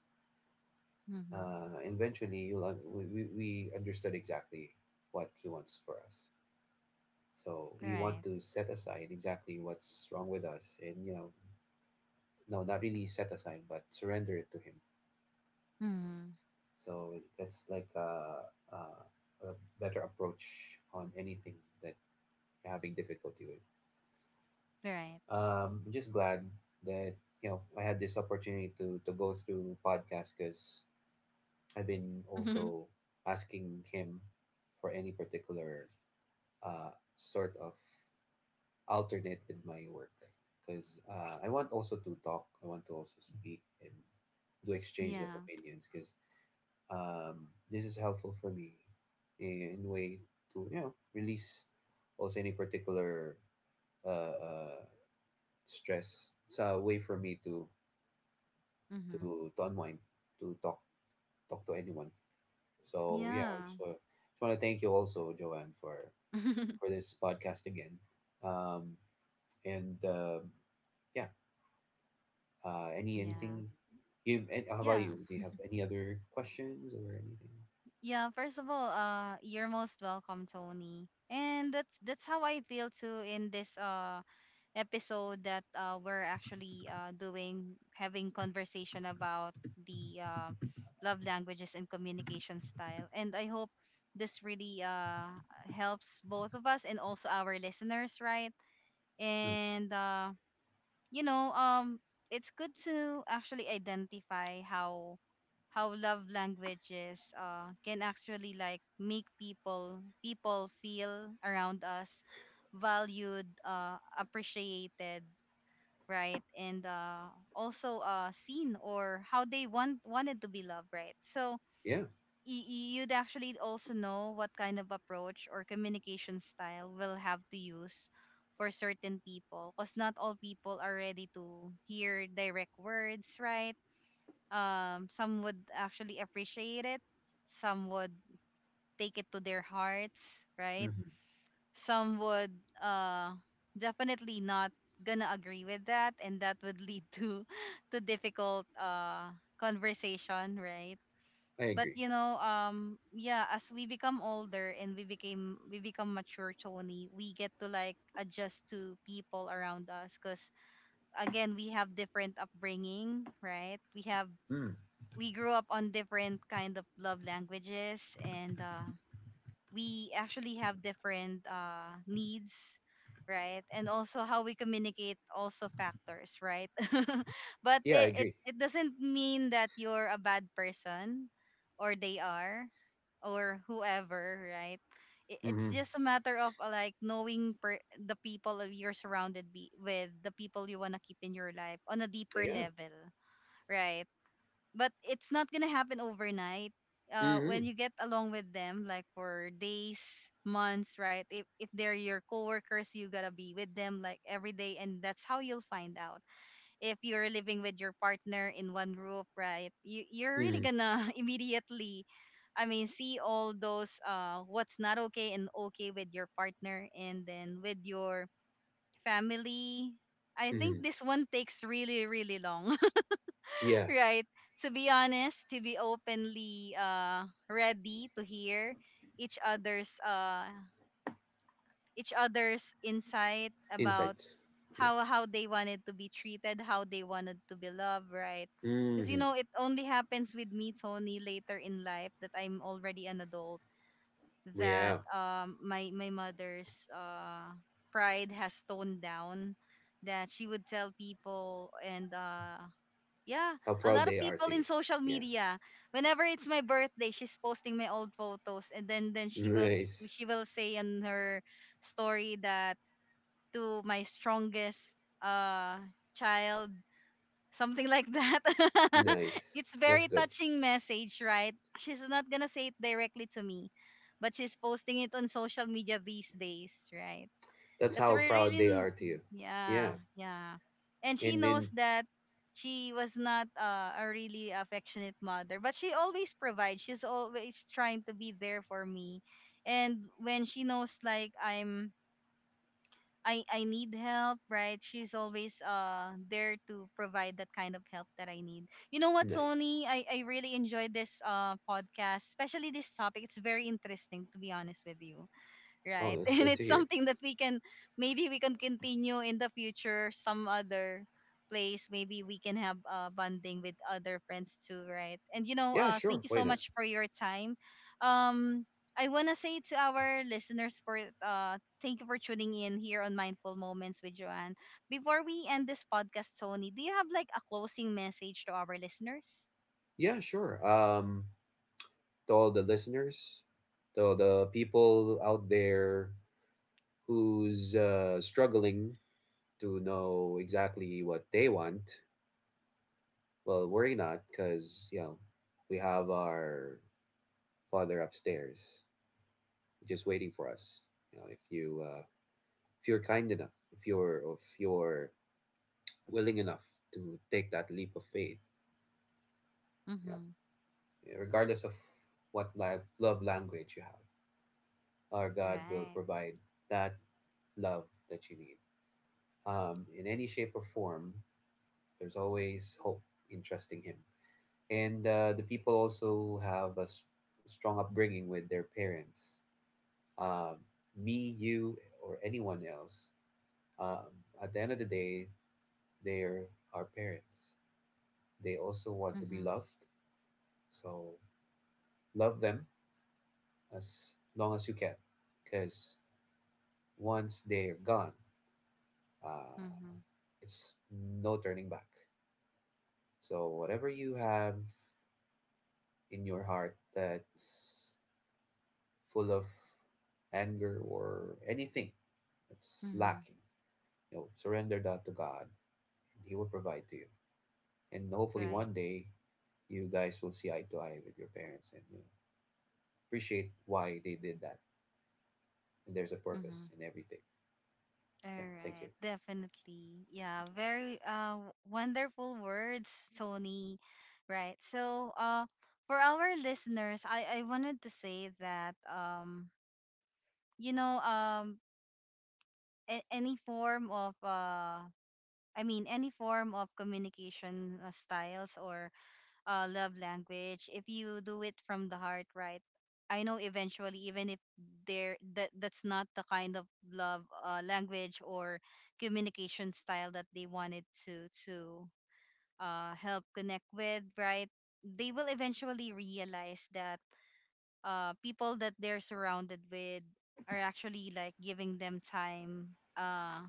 Mm-hmm. And eventually, you'll we, we understood exactly what He wants for us. So we want Right. to set aside exactly what's wrong with us, and, you know, no, not really set aside, but surrender it to Him. Mm-hmm. So that's like a, a better approach on anything that you're having difficulty with. Right. I'm just glad that, you know, I had this opportunity to go through podcast, because I've been (laughs) also asking him for any particular uh, sort of alternate with my work, because I want also to talk, I want to also speak and do exchanges of Yeah. opinions, because this is helpful for me in a way to, you know, release also any particular uh, uh, stress. It's a way for me Mm-hmm. to don't to talk talk to anyone. So yeah, I Yeah. Just want to thank you also, Joanne, for (laughs) this podcast again. Um, and yeah, Yeah. anything you, and how about Yeah. you? Do you have any other questions or anything? Yeah, first of all, you're most welcome, Tony. And that's how I feel too in this episode, that we're actually doing, having conversation about the, love languages and communication style. And I hope this really helps both of us and also our listeners, right? Mm. And you know, um, it's good to actually identify how love languages can actually like make people feel around us valued, appreciated, right, and also seen, or how they wanted to be loved, right? So Yeah. You'd actually also know what kind of approach or communication style will have to use for certain people because not all people are ready to hear direct words, right? Some would actually appreciate it, some would take it to their hearts, right? Hmm. Some would uh definitely not gonna agree with that, and that would lead to (laughs) to difficult conversation, right? I but agree. you know um yeah, as we become older and we became we become mature, Tony, we get to like adjust to people around us because again we have different upbringing, right? We have, Mm. we grew up on different kind of love languages, and we actually have different needs, right? And also how we communicate also factors, right? (laughs) But Yeah, I agree. it doesn't mean that you're a bad person, or they are, or whoever, right? It's Hmm. just a matter of like knowing the people that you're surrounded with, the people you want to keep in your life on a deeper Yeah. level, right? But it's not gonna happen overnight. When Hmm. you get along with them, like for days, months, right? If they're your coworkers, you gotta be with them like every day, and that's how you'll find out. If you're living with your partner in one roof, right? You're really Hmm. gonna (laughs) immediately, I mean, see all those what's not okay and okay with your partner, and then with your family. I think Hmm. this one takes really really long. (laughs) Yeah, Right, to be honest, to be openly ready to hear each other's uh each other's insight about insights. Yeah. How they wanted to be treated, how they wanted to be loved, right? Because you Hmm. know it only happens with me, Tony, later in life, that I'm already an adult, that Yeah, my my mother's pride has toned down, that she would tell people and yeah, how a proud lot of they are people to you. in social Yeah. media. Whenever it's my birthday, she's posting my old photos, and then then (laughs) she will s- Nice. she will say in her story that, to my strongest uh child, something like that. (laughs) Nice. It's That's very good. touching message, right? She's not gonna say it directly to me, but she's posting it on social media these days, right? That's Because how we're proud really, they are to you. yeah, Yeah. yeah. And she And knows then that she was not a really affectionate mother, but she always provides. She's always trying to be there for me. And when she knows like I need help, right? She's always there to provide that kind of help that I need. You know what, nice. Sony? I really enjoyed this podcast, especially this topic. It's very interesting, to be honest with you, Oh, right? (laughs) that's And good to it's hear. something that we can, maybe we can continue in the future some other place, maybe we can have bonding with other friends too, right? And you know, Yeah, thank sure. you Why so not? much for your time. um I want to say to our listeners for thank you for tuning in here on Mindful Moments with Joanne. Before we end this podcast, Tony, do you have like a closing message to our listeners? Yeah, sure. To all the listeners, to all the people out there who's struggling to know exactly what they want, well, worry not, because, you know, we have our father upstairs just waiting for us. You know, if you if you're kind enough, if you're willing enough to take that leap of faith. Yeah. Mm-hmm Yeah, regardless of what love language you have, our God will right. provide that love that you need. In any shape or form, there's always hope in trusting Him. And the people also have a strong upbringing with their parents. Um, me, you, or anyone else, um, at the end of the day, they're our parents. They also want to be mm-hmm loved. So love them as long as you can, because once they're gone, uh, mm-hmm it's no turning back, so whatever you have in your heart that's full of anger or anything that's mm-hmm lacking, you know, surrender that to God, and He will provide to you, and hopefully right. one day you guys will see eye to eye with your parents, and, you know, appreciate why they did that, and there's a mm-hmm purpose in everything. All Yeah, thank you. right, definitely. Yeah, very wonderful words, Tony. Right. So, for our listeners, I wanted to say that you know, any form of I mean any form of communication styles or love language, if you do it from the heart, right? I know eventually, even if there that's not the kind of love language or communication style that they wanted to help connect with, right? They will eventually realize that people that they're surrounded with are actually like giving them time, uh,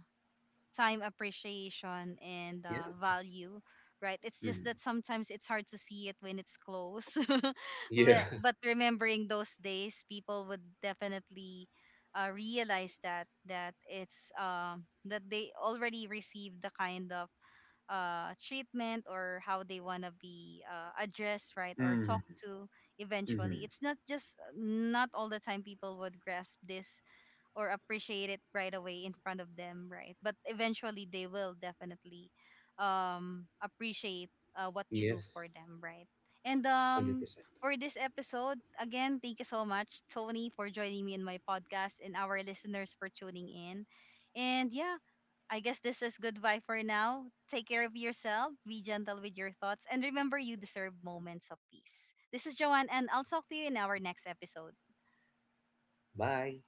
time, appreciation and Yeah. Value, right? It's just that Mhm. sometimes it's hard to see it when it's close. (laughs) Yeah. but, (laughs) but remembering those days, people would definitely realize that it's that they already received the kind of treatment, or how they want to be addressed, right, or talked Mhm. to eventually. Mm-hmm. It's not just not all the time people would grasp this or appreciate it right away in front of them, right? But eventually they will definitely appreciate what you do for Yes, them, right? And 100%. for this episode, again, thank you so much, Tony, for joining me in my podcast, and our listeners for tuning in. And yeah, I guess this is goodbye for now. Take care of yourself, be gentle with your thoughts, and remember you deserve moments of peace. This is Joanne, and I'll talk to you in our next episode. Bye.